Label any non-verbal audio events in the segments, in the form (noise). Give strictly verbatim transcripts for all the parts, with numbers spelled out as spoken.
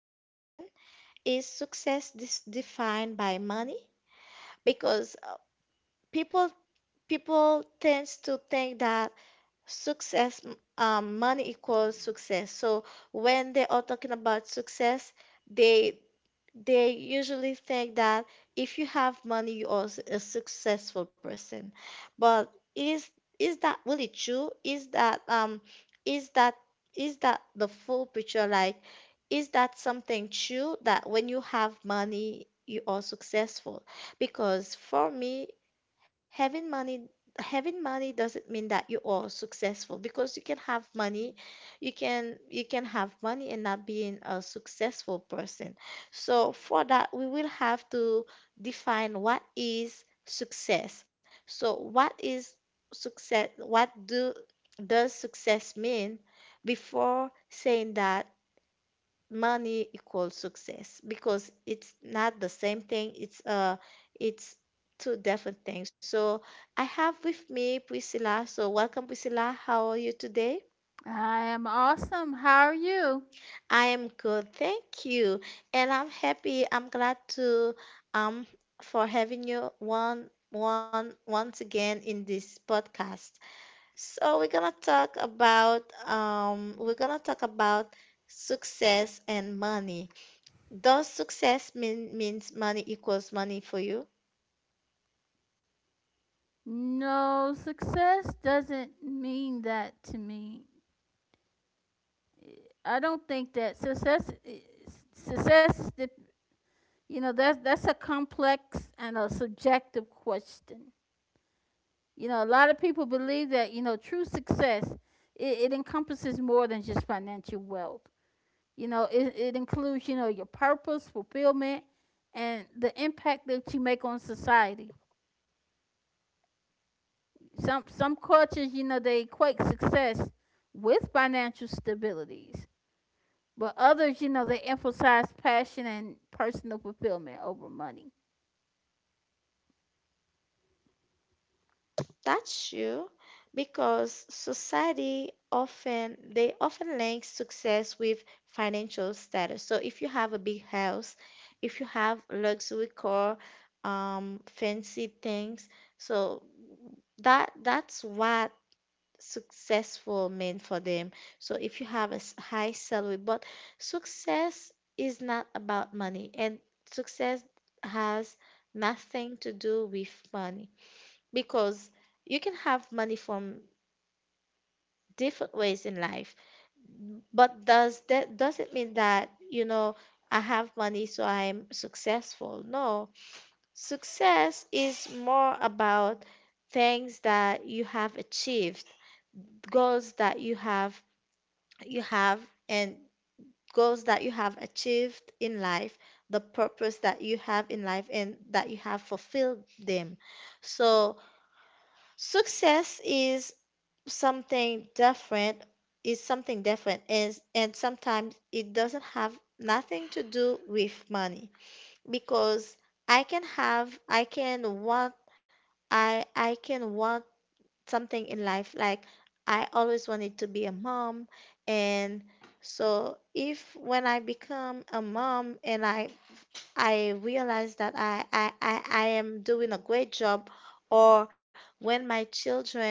question: Is success dis- defined by money? Because uh, people people tends to think that success um, money equals success. So when they are talking about success, they they usually think that if you have money you are s- a successful person. But is is that really true? is that um is that is that the full picture? Like, is that something true, that when you have money you are successful? Because for me, having money having money doesn't mean that you are successful, because you can have money, you can you can have money and not being a successful person. So for that, we will have to define what is success. So what is success? What do does success mean, before saying that money equals success? Because it's not the same thing. It's uh, it's two different things. So I have with me Priscilla. So welcome, Priscilla. How are you today? I am awesome. How are you? I am good, thank you. And I'm happy, I'm glad to um for having you one one once again in this podcast. So we're gonna talk about um we're gonna talk about success and money. Does success mean means money equals money for you? No, success doesn't mean that to me. I don't think that success success is the you know that's that's a complex and a subjective question. You know, a lot of people believe that you know true success it, it encompasses more than just financial wealth. You know, it, it includes you know your purpose, fulfillment, and the impact that you make on society. some some cultures, you know, they equate success with financial stabilities, but others, you know, they emphasize passion and personal fulfillment over money. That's true, because society often, they often link success with financial status. So if you have a big house, if you have luxury car, um, fancy things, so that that's what successful mean for them. So if you have a s- high salary. But success is not about money, and success has nothing to do with money, because you can have money from different ways in life. But does that, does it mean that, you know, I have money so I'm successful? No. Success is more about things that you have achieved, goals that you have you have and goals that you have achieved in life, the purpose that you have in life and that you have fulfilled them. So success is something different, is something different. And and sometimes it doesn't have nothing to do with money. Because I can have I can want I I can want something in life. Like, I always wanted to be a mom. And so, if when I become a mom and I I realize that I I, I, I am doing a great job, or when my children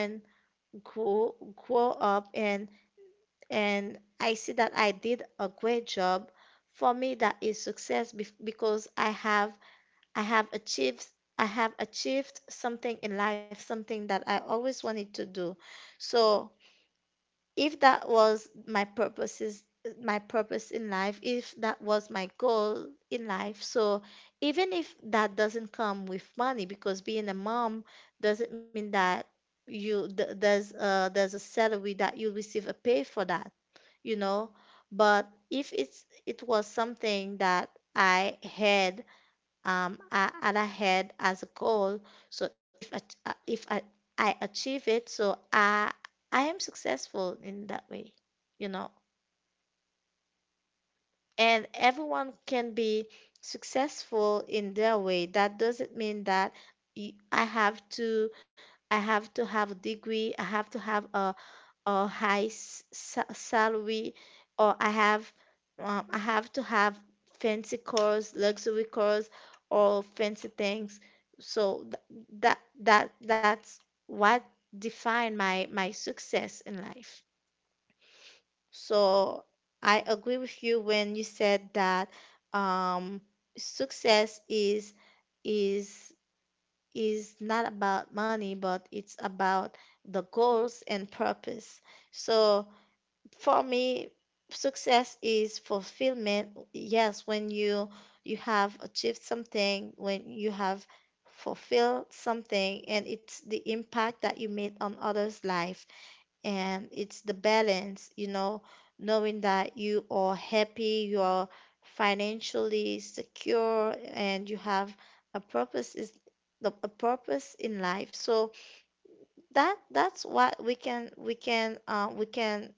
grow grow up and and I see that I did a great job. For me, that is success bef- because I have I have achieved I have achieved something in life, something that I always wanted to do. So if that was my purposes my purpose in life, if that was my goal in life, so even if that doesn't come with money, because being a mom doesn't mean that you th- there's a there's a salary that you'll receive, a pay for that, you know. But if it's, it was something that I had um I, and I had as a goal, so if I, uh, if I I achieve it, so I I am successful in that way, you know. And everyone can be successful in their way. That doesn't mean that y- I have to I have to have a degree, I have to have a or high s- sa- salary, or I have um, I have to have fancy cars, luxury cars, or fancy things. So th- that that that's what define my my success in life. So I agree with you when you said that um, success is is is not about money, but it's about the goals and purpose. So for me, success is fulfillment. Yes, when you you have achieved something, when you have fulfilled something, and it's the impact that you made on others life. And it's the balance, you know, knowing that you are happy, you are financially secure, and you have a purpose is the a purpose in life. So that that's what we can we can uh, we can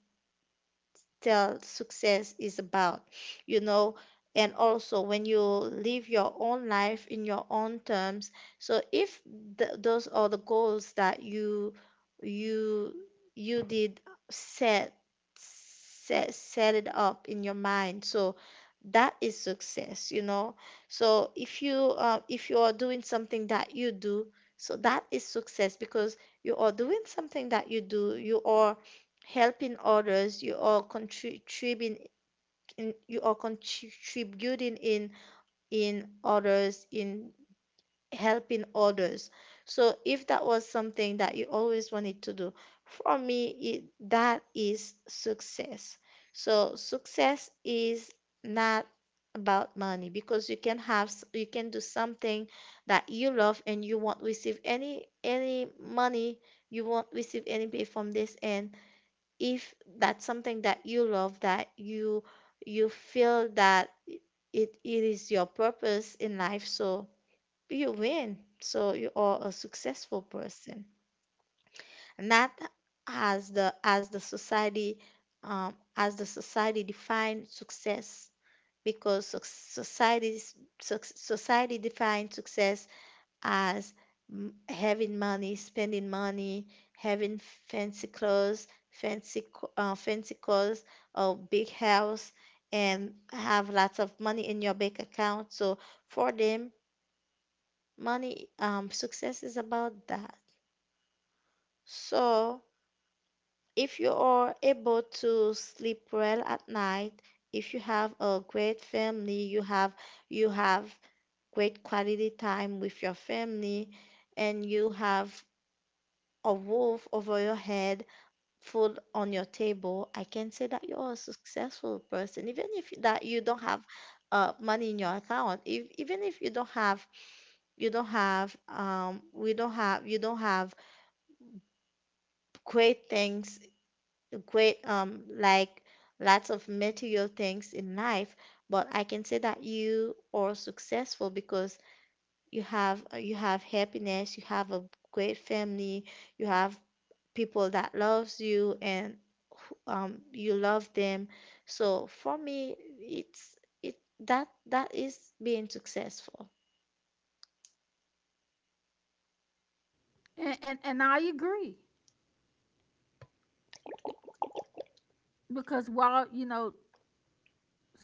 tell success is about, you know. And also when you live your own life in your own terms. So if th- those are the goals that you you you did set, set set it up in your mind, so that is success, you know. So if you uh, if you are doing something that you do, so that is success, because you are doing something that you do, you are helping others, you are contributing in, you are contributing in in others in helping others. So if that was something that you always wanted to do, for me it, that is success. So success is not about money, because you can have s- you can do something that you love and you won't receive any any money, you won't receive any pay from this. And if that's something that you love, that you you feel that it, it is your purpose in life, so you win, so you are a successful person. And that as the as the society, um, as the society defines success. Because soc- society's soc- society defines success as m- having money, spending money, having fancy clothes, fancy co- uh, fancy cars, or big house, and have lots of money in your bank account. So for them, money um, success is about that. So if you are able to sleep well at night, if you have a great family, you have you have great quality time with your family, and you have a roof over your head, food on your table, I can say that you're a successful person. Even if that you don't have uh, money in your account, if, even if you don't have, you don't have, um, we don't have, you don't have great things, great um, like lots of material things in life, but I can say that you are successful because you have you have happiness, you have a great family, you have people that loves you and who- um, you love them. So for me, it's it that that is being successful. And and, and I agree because while you know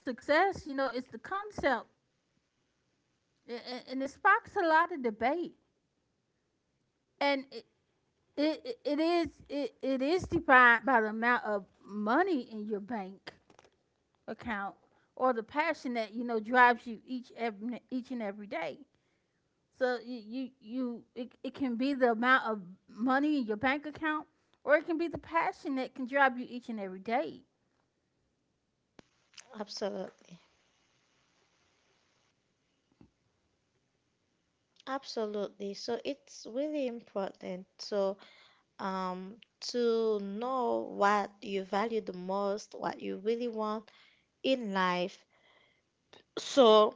success, you know, it's the concept, a- and it sparks a lot of debate, and it it, it is it, it is defined by the amount of money in your bank account or the passion that you know drives you each every, each and every day. So you you, you it, it can be the amount of money in your bank account, or it can be the passion that can drive you each and every day. Absolutely, absolutely. So it's really important. So um, to know what you value the most, what you really want in life. So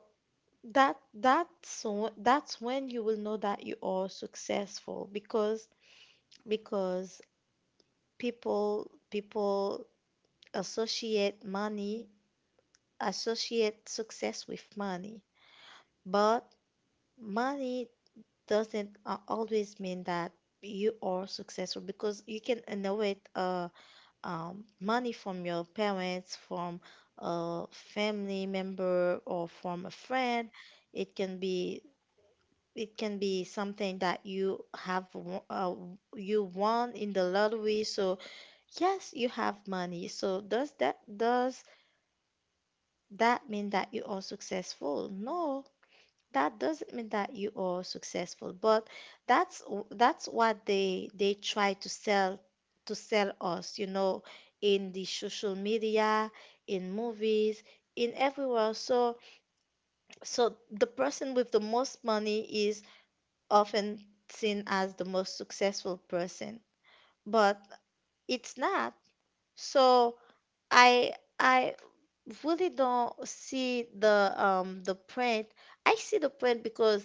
that that's wh- that's when you will know that you are successful. Because because people people associate money, associate success with money. But money doesn't uh, always mean that you are successful, because you can innovate uh, um, money from your parents, from a family member, or from a friend. It can be, it can be something that you have wo- uh, you won in the lottery. So yes, you have money. So does that, does that mean that you are successful? No, that doesn't mean that you are successful. But that's that's what they they try to sell, to sell us, you know, in the social media, in movies, in everywhere. So so the person with the most money is often seen as the most successful person. But it's not. So i i really don't see the um the point. I see the point, because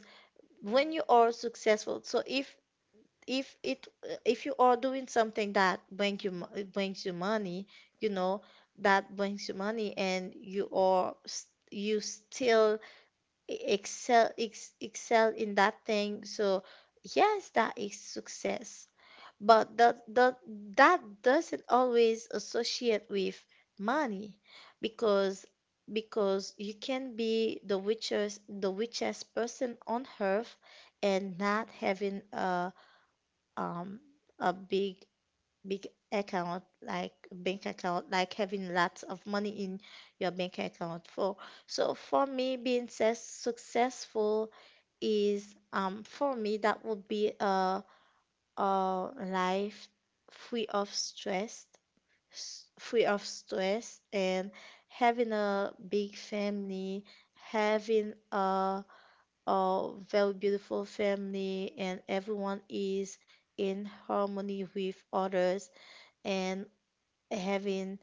when you are successful, so if if it, if you are doing something that brings you mo- brings you money, you know, that brings you money, and you are s- you still e- excel ex, excel in that thing. So yes, that is success. But that, that, that doesn't always associate with money. because because you can be the richest the richest person on earth and not having a um a big big account, like bank account, like having lots of money in your bank account. For So for me, being ses- successful is, um for me that would be a a life free of stress, s- free of stress, and having a big family, having a, a very beautiful family, and everyone is in harmony with others, and having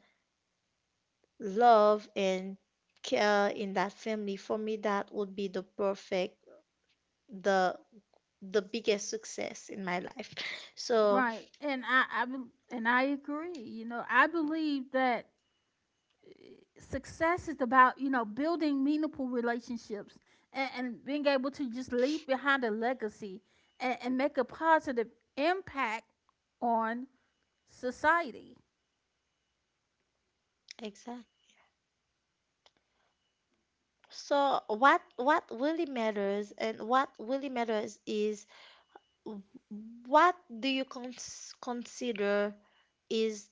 love and care in that family. For me, that would be the perfect, the the biggest success in my life. (laughs) So, Right, and I, I bel- and I agree. You know, I believe that eh, success is about you know building meaningful relationships and, and being able to just leave behind a legacy and, and make a positive impact on society. exactly. So what what really matters, and what really matters is, w- what do you cons consider is,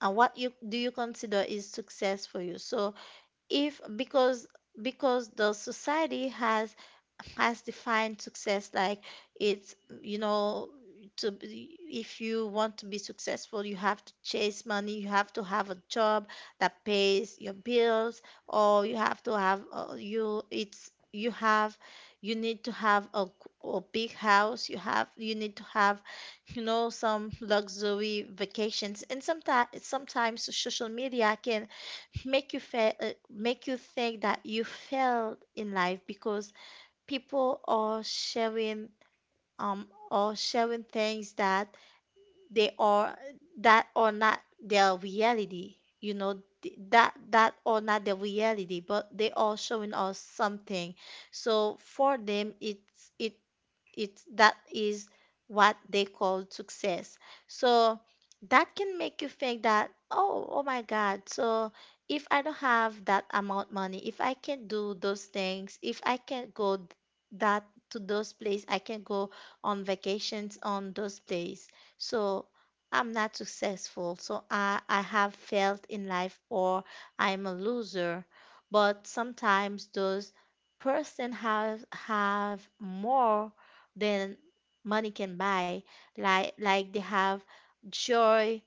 uh, what you do you consider is success for you. So if because because the society has has defined success, like, it's you know to be- if you want to be successful, you have to chase money, you have to have a job that pays your bills, or you have to have uh, you it's you have you need to have a a big house, you have you need to have you know some luxury vacations. And sometimes sometimes social media can make you fe- uh, make you think that you failed in life, because people are sharing, um are sharing things that they are that are not their reality. You know th- that that are not their reality, but they are showing us something, so for them, it's it it's that is what they call success. So that can make you think that, oh oh my god, so if I don't have that amount money, if I can not do those things, if I can not go th- that to those places I can go on vacations on those places, so I'm not successful, so i i have failed in life, or I'm a loser. But sometimes those person have have more than money can buy. Like like they have joy,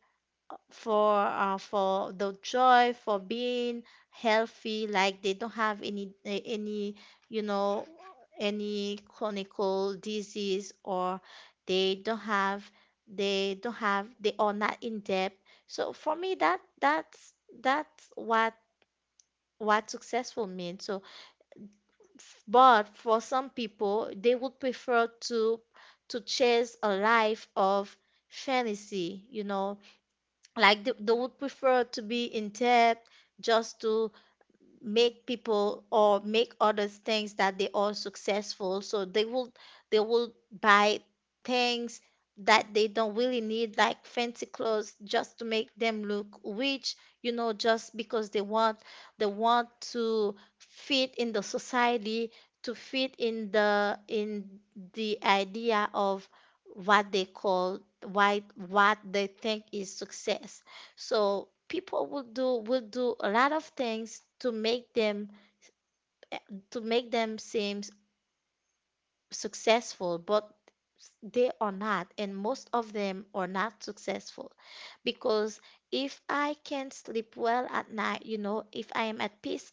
for uh, for the joy for being healthy. Like they don't have any eh, any you know any chronic disease, or they don't have they don't have they are not in debt. So for me, that that's that's what what successful means. So, but for some people, they would prefer to to chase a life of fantasy, you know like they, they would prefer to be in debt, just to make people or make others things that they are successful, so they will they will buy things that they don't really need, like fancy clothes, just to make them look rich, you know just because they want they want to fit in the society, to fit in the in the idea of what they call why what they think is success. So people will do will do a lot of things to make them, to make them seem successful, but they are not, and most of them are not successful. Because if I can sleep well at night, you know, if I am at peace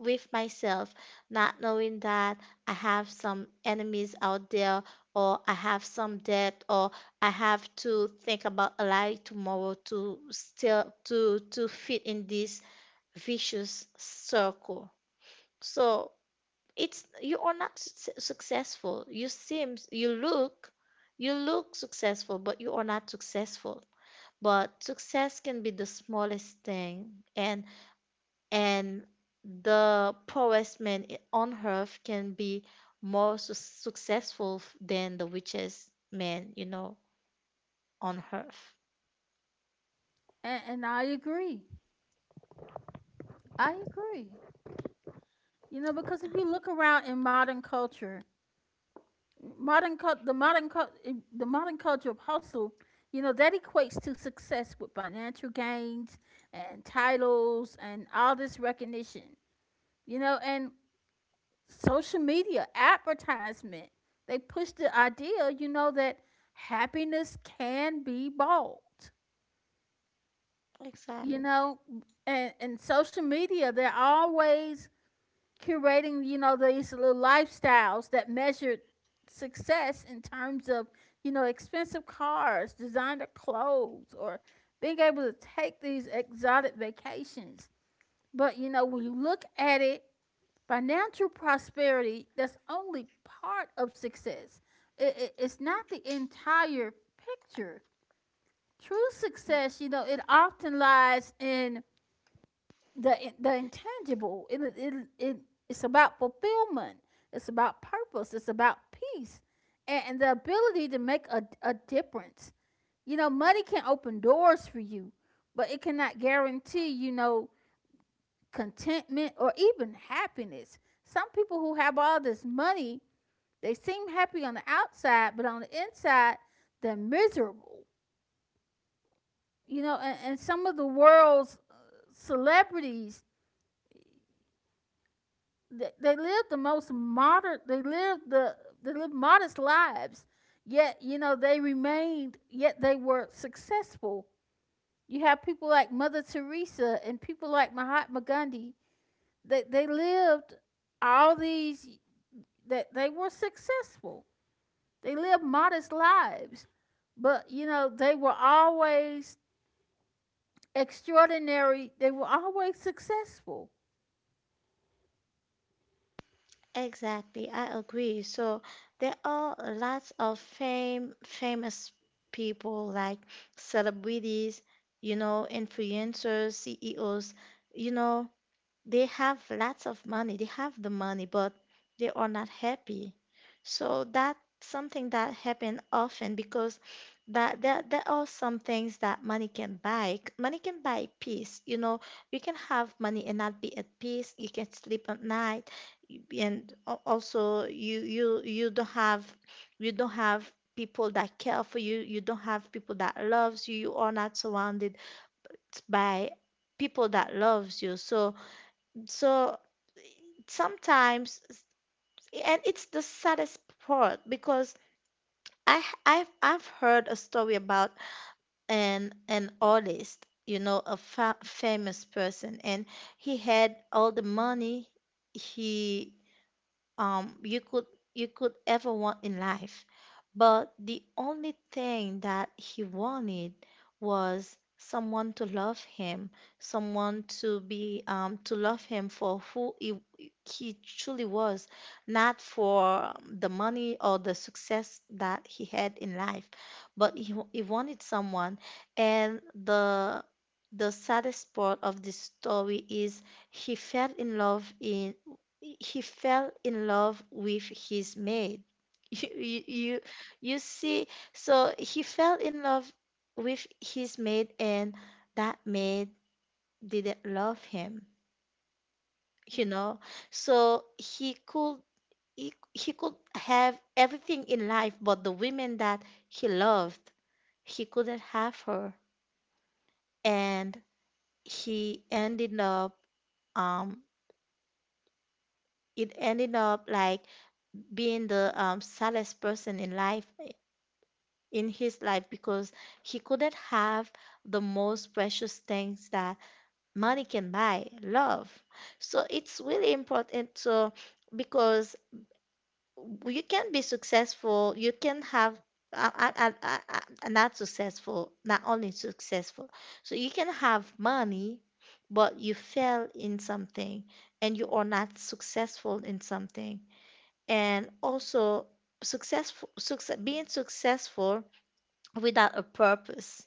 with myself, not knowing that I have some enemies out there, or I have some debt, or I have to think about a lie tomorrow to still to to fit in this vicious circle. So it's you are not su- successful. You seem you look you look successful, but you are not successful. But success can be the smallest thing, and and the poorest man i- on earth can be more su- successful f- than the richest man, you know on earth. And, and I agree. I agree. You know, because if you look around in modern culture, modern cul the modern cul the modern culture of hustle, you know, that equates to success with financial gains and titles and all this recognition. You know, and social media advertisement, they push the idea, you know, that happiness can be bought. Exactly. You know, and and social media, they're always curating, you know, these little lifestyles that measured success in terms of, you know, expensive cars, designer clothes, or being able to take these exotic vacations. But, you know, when you look at it, financial prosperity, that's only part of success. It, it- it's not the entire picture. True success, you know, it often lies in the the intangible. It, it, it, it's about fulfillment. It's about purpose. It's about peace and, and the ability to make a, a difference. You know, money can open doors for you, but it cannot guarantee, you know, contentment or even happiness. Some people who have all this money, they seem happy on the outside, but on the inside, they're miserable. You know, and, and some of the world's uh, celebrities they, they live the most modern they live the they lived modest lives yet you know they remained yet they were successful. You have people like Mother Teresa and people like Mahatma Gandhi that they they lived all these that they were successful. They lived modest lives, but you know they were always extraordinary. They were always successful. Exactly, I agree. So there are lots of fame, famous people like celebrities, you know, influencers, C E Os, you know, they have lots of money. They have the money, but they are not happy. So that's something that happen often, because that there, there are some things that money can buy money can buy peace, you know. You can have money and not be at peace. You can sleep at night, and al- also you you you don't have you don't have people that care for you. You don't have people that loves you. You are not surrounded by people that loves you. So so sometimes, and it's the saddest part, because I I have I h- I've I've heard a story about an an artist, you know, a fa famous person, and he had all the money He um, you could you could ever want in life. But the only thing that he wanted was someone to love him, someone to be, um, to love him for who he, he truly was, not for the money or the success that he had in life, but he, wa- he wanted someone. And the the saddest part of this story is, he fell in love in he fell in love with his maid. (laughs) You, you, you you see, so he fell in love with his maid, and that maid didn't love him, you know. So he could he, he could have everything in life, but the women that he loved, he couldn't have her, and he ended up um it ended up, like, being the um saddest person in life in his life, because he couldn't have the most precious things that money can buy, love. So it's really important to, because you can be successful, you can have uh, uh, uh, uh, uh, not successful not only successful, so you can have money, but you fail in something, and you are not successful in something. And also, successful success, being successful without a purpose,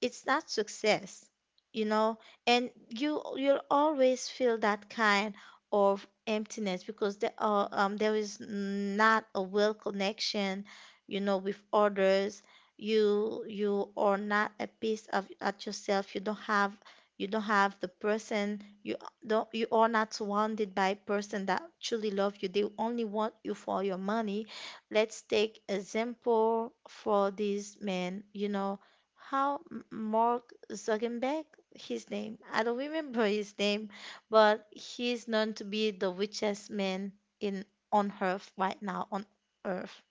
it's not success you know and you you'll always feel that kind of emptiness, because there are, um there is not a well connection, you know with others. You you are not at peace of at yourself. You don't have you don't have the person, you don't you are not surrounded by person that truly love you. They only want you for your money. Let's take example for these men you know how M- Mark Zuckerberg, his name, I don't remember his name, but he is known to be the richest man in on Earth right now, on Earth.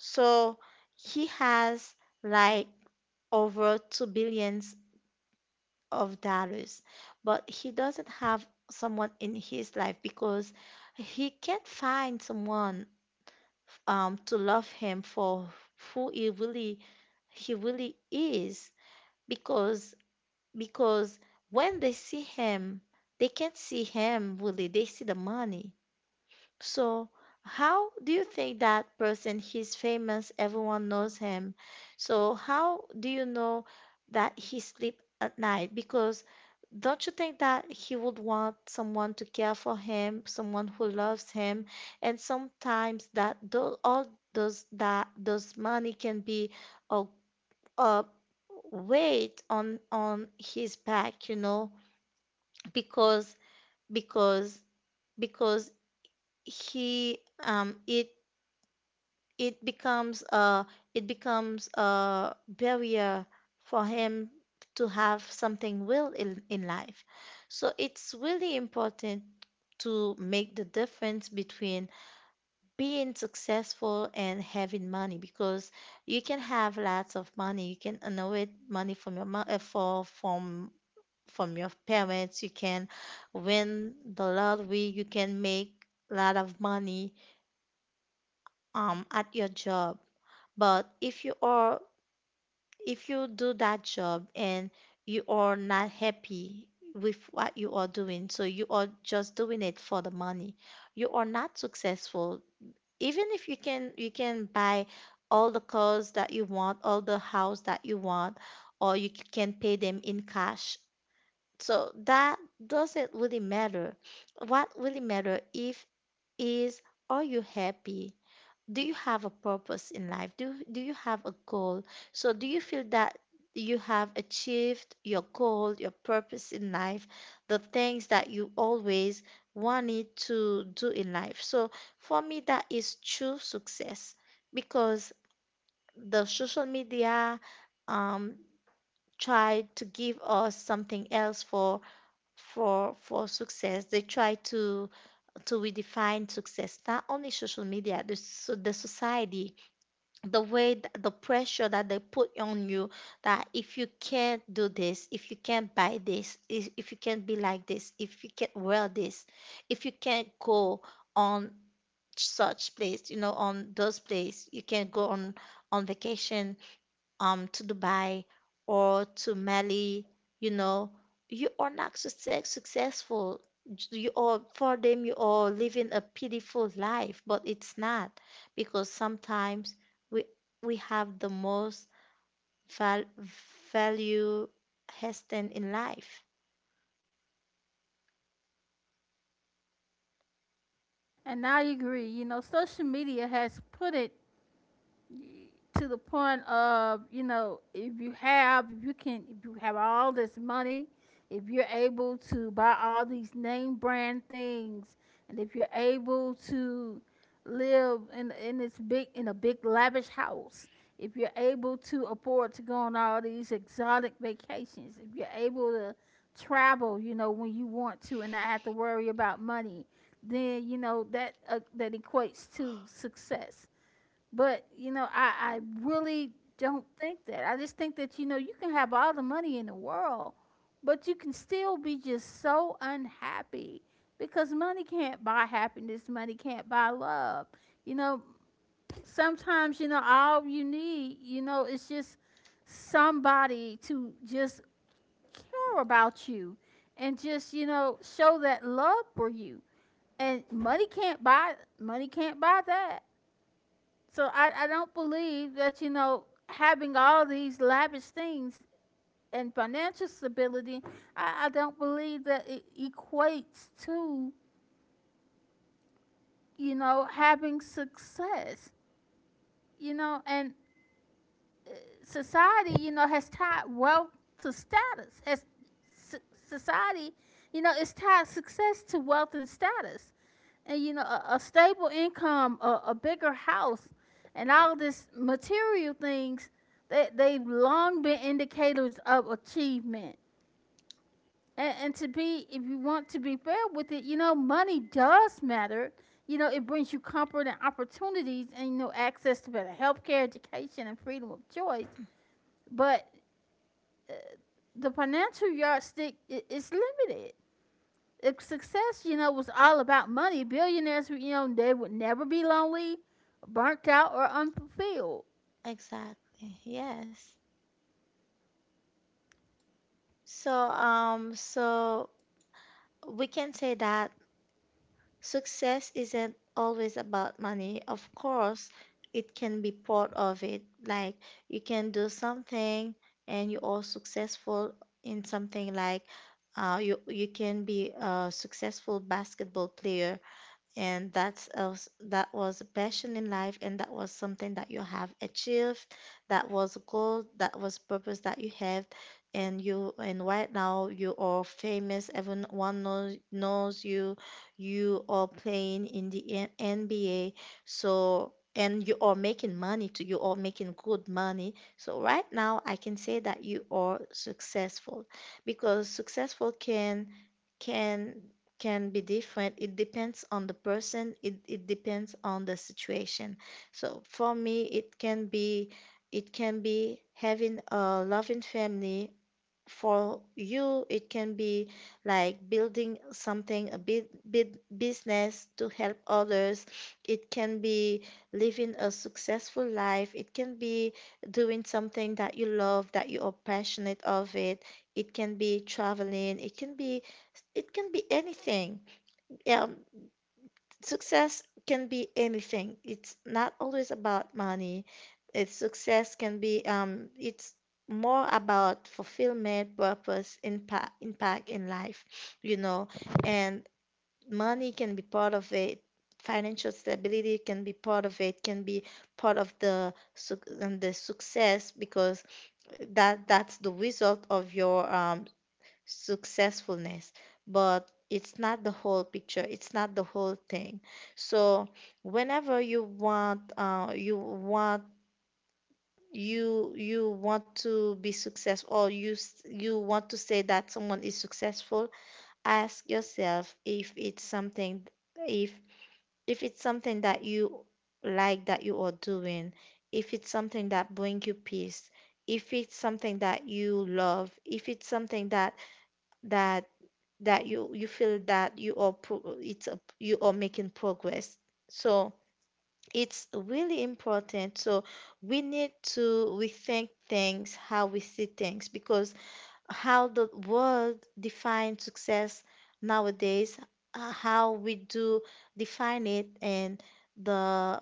So he has, like, over two billions of dollars, but he doesn't have someone in his life, because he can't find someone, um to love him for who he really he really is, because because when they see him, they can't see him really, they see the money. So how do you think that person, he's famous, everyone knows him. So how do you know that he sleep at night? Because don't you think that he would want someone to care for him, someone who loves him? And sometimes that tho- all those that those money can be a, uh, weight on on his back you know because because because he, um it it becomes a, it becomes a barrier for him to have something will in, in life. So it's really important to make the difference between being successful and having money. Because you can have lots of money, you can inherit money from your mo- uh, for from from your parents, you can win the lottery, you can make a lot of money, um, at your job. But if you are if you do that job and you are not happy with what you are doing, so you are just doing it for the money, you are not successful, even if you can, you can buy all the cars that you want, all the house that you want, or you c- can pay them in cash. So that doesn't really matter. What really matter, if is, are you happy? Do you have a purpose in life? Do do you have a goal? So do you feel that you have achieved your goal, your purpose in life, the things that you always wanted to do in life? So for me, that is true success, because the social media, um tried to give us something else for, for for success. They try to to redefine success, not only social media, the so the society, the way th- the pressure that they put on you, that if you can't do this, if you can't buy this, if, if you can't be like this, if you can't wear this, if you can't go on such place, you know, on those place, you can't go on on vacation, um to Dubai or to Mali, you know, you are not success, successful. You are for them you are living a pitiful life, but it's not, because sometimes we we have the most val value heston in life. And I agree. You know, social media has put it to the point of you know if you have if you can if you have all this money, if you're able to buy all these name brand things, and if you're able to live in in this big in a big lavish house, if you're able to afford to go on all these exotic vacations, if you're able to travel you know when you want to and not have to worry about money, then you know that uh, that equates to success. But you know, I, I really don't think that. I just think that you know you can have all the money in the world, but you can still be just so unhappy because money can't buy happiness. Money can't buy love. You know, sometimes you know all you need, you know, is just somebody to just care about you and just you know show that love for you. And money can't buy money can't buy that. So I, I don't believe that, you know, having all these lavish things and financial stability, I, I don't believe that it equates to, you know, having success. You know, and society, you know, has tied wealth to status. Has so- Society, you know, it's tied success to wealth and status. And you know a, a stable income, a, a bigger house, and all this material things, they, they've long been indicators of achievement. And, and to be, if you want to be fair with it, you know, money does matter. You know, it brings you comfort and opportunities, and you know, access to better healthcare, education, and freedom of choice. But uh, the financial yardstick is limited. If success, you know, was all about money, billionaires, you know, they would never be lonely, burnt out, or unfulfilled. Exactly. Yes. So um so we can say that success isn't always about money. Of course, it can be part of it. Like you can do something and you are successful in something, like, uh, you you can be a successful basketball player, and that's us that was a passion in life, and that was something that you have achieved. That was a goal, that was purpose that you have. And you and right now you are famous, everyone knows knows you, you are playing in the N- nba. So, and you are making money too, you are making good money. So right now I can say that you are successful, because successful can can can be different. It depends on the person, it, it depends on the situation. So for me, it can be it can be having a loving family. For you, it can be, like, building something, a bit bit business to help others. It can be living a successful life, it can be doing something that you love, that you are passionate of it. It can be traveling, it can be, it can be anything. Yeah. Success can be anything. It's not always about money. It's success can be um it's more about fulfillment, purpose, impact impact in life, you know. And money can be part of it. Financial stability can be part of it, can be part of the suc- and the success, because that that's the result of your um successfulness. But it's not the whole picture, it's not the whole thing. So whenever you want, uh, you want you you want to be successful, or you s- you want to say that someone is successful, ask yourself, if it's something if if it's something that you like, that you are doing, if it's something that bring you peace, if it's something that you love, if it's something that that that you you feel that you are pro- it's a, you are making progress. So it's really important. So we need to rethink things, how we see things, because how the world defines success nowadays, uh, how we do define it. And the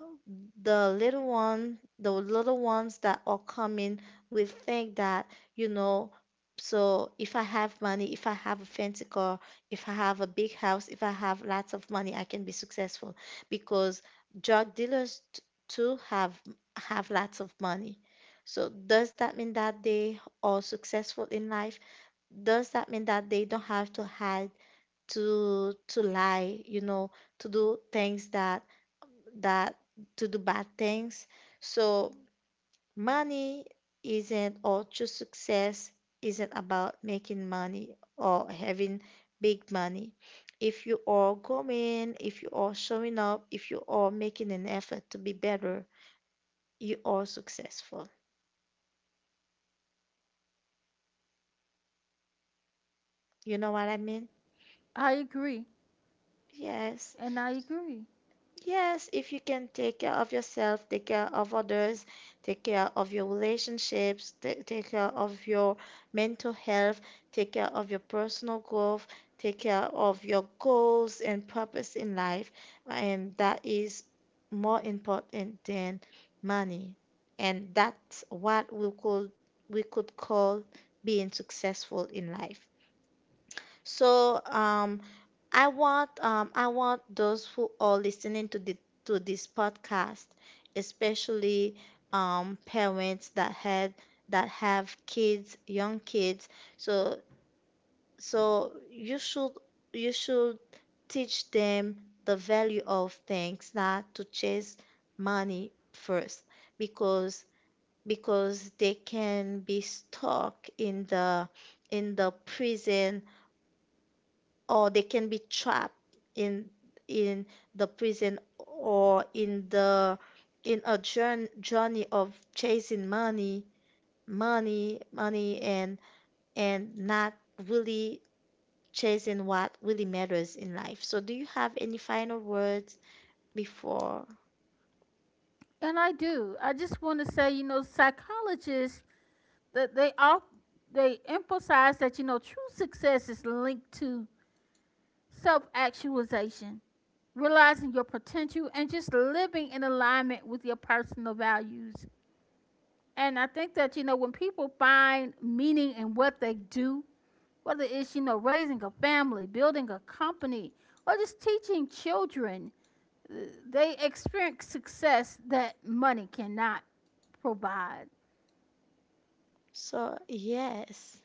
the little one, the little ones that are coming will think that you know. So if I have money, if I have a fancy car, if I have a big house, if I have lots of money, I can be successful, because drug dealers t- too have have lots of money. So does that mean that they are successful in life? Does that mean that they don't have to hide, to to lie, you know to do things that that to do bad things. So money isn't or true success isn't about making money or having big money. If you are going, if you are showing up, if you are making an effort to be better, you are successful. You know what I mean? I agree. Yes. And I agree. Yes, if you can take care of yourself, take care of others, take care of your relationships, ta- take care of your mental health, take care of your personal growth, take care of your goals and purpose in life, and that is more important than money. And that's what we could, we could call being successful in life. So, um, I want um I want those who are listening to the to this podcast, especially um parents that had that have kids, young kids. So so you should you should teach them the value of things, not to chase money first, because because they can be stuck in the in the prison, or they can be trapped in in the prison, or in the in a jour- journey of chasing money, money money and and not really chasing what really matters in life. So do you have any final words before? And I do. I just want to say, you know, psychologists that they all they emphasize that you know true success is linked to self-actualization, realizing your potential, and just living in alignment with your personal values. And I think that you know when people find meaning in what they do, whether it's, you know, raising a family, building a company, or just teaching children, uh, they experience success that money cannot provide. So yes.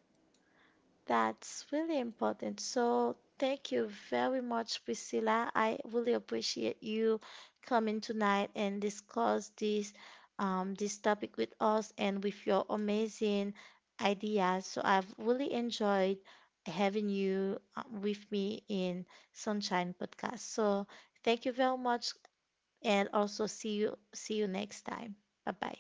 That's really important. So thank you very much, Priscilla. I really appreciate you coming tonight and discuss this um, this topic with us and with your amazing ideas. So I've really enjoyed having you, uh, with me in Sunshine Podcast. So thank you very much, and also see you see you next time. Bye bye.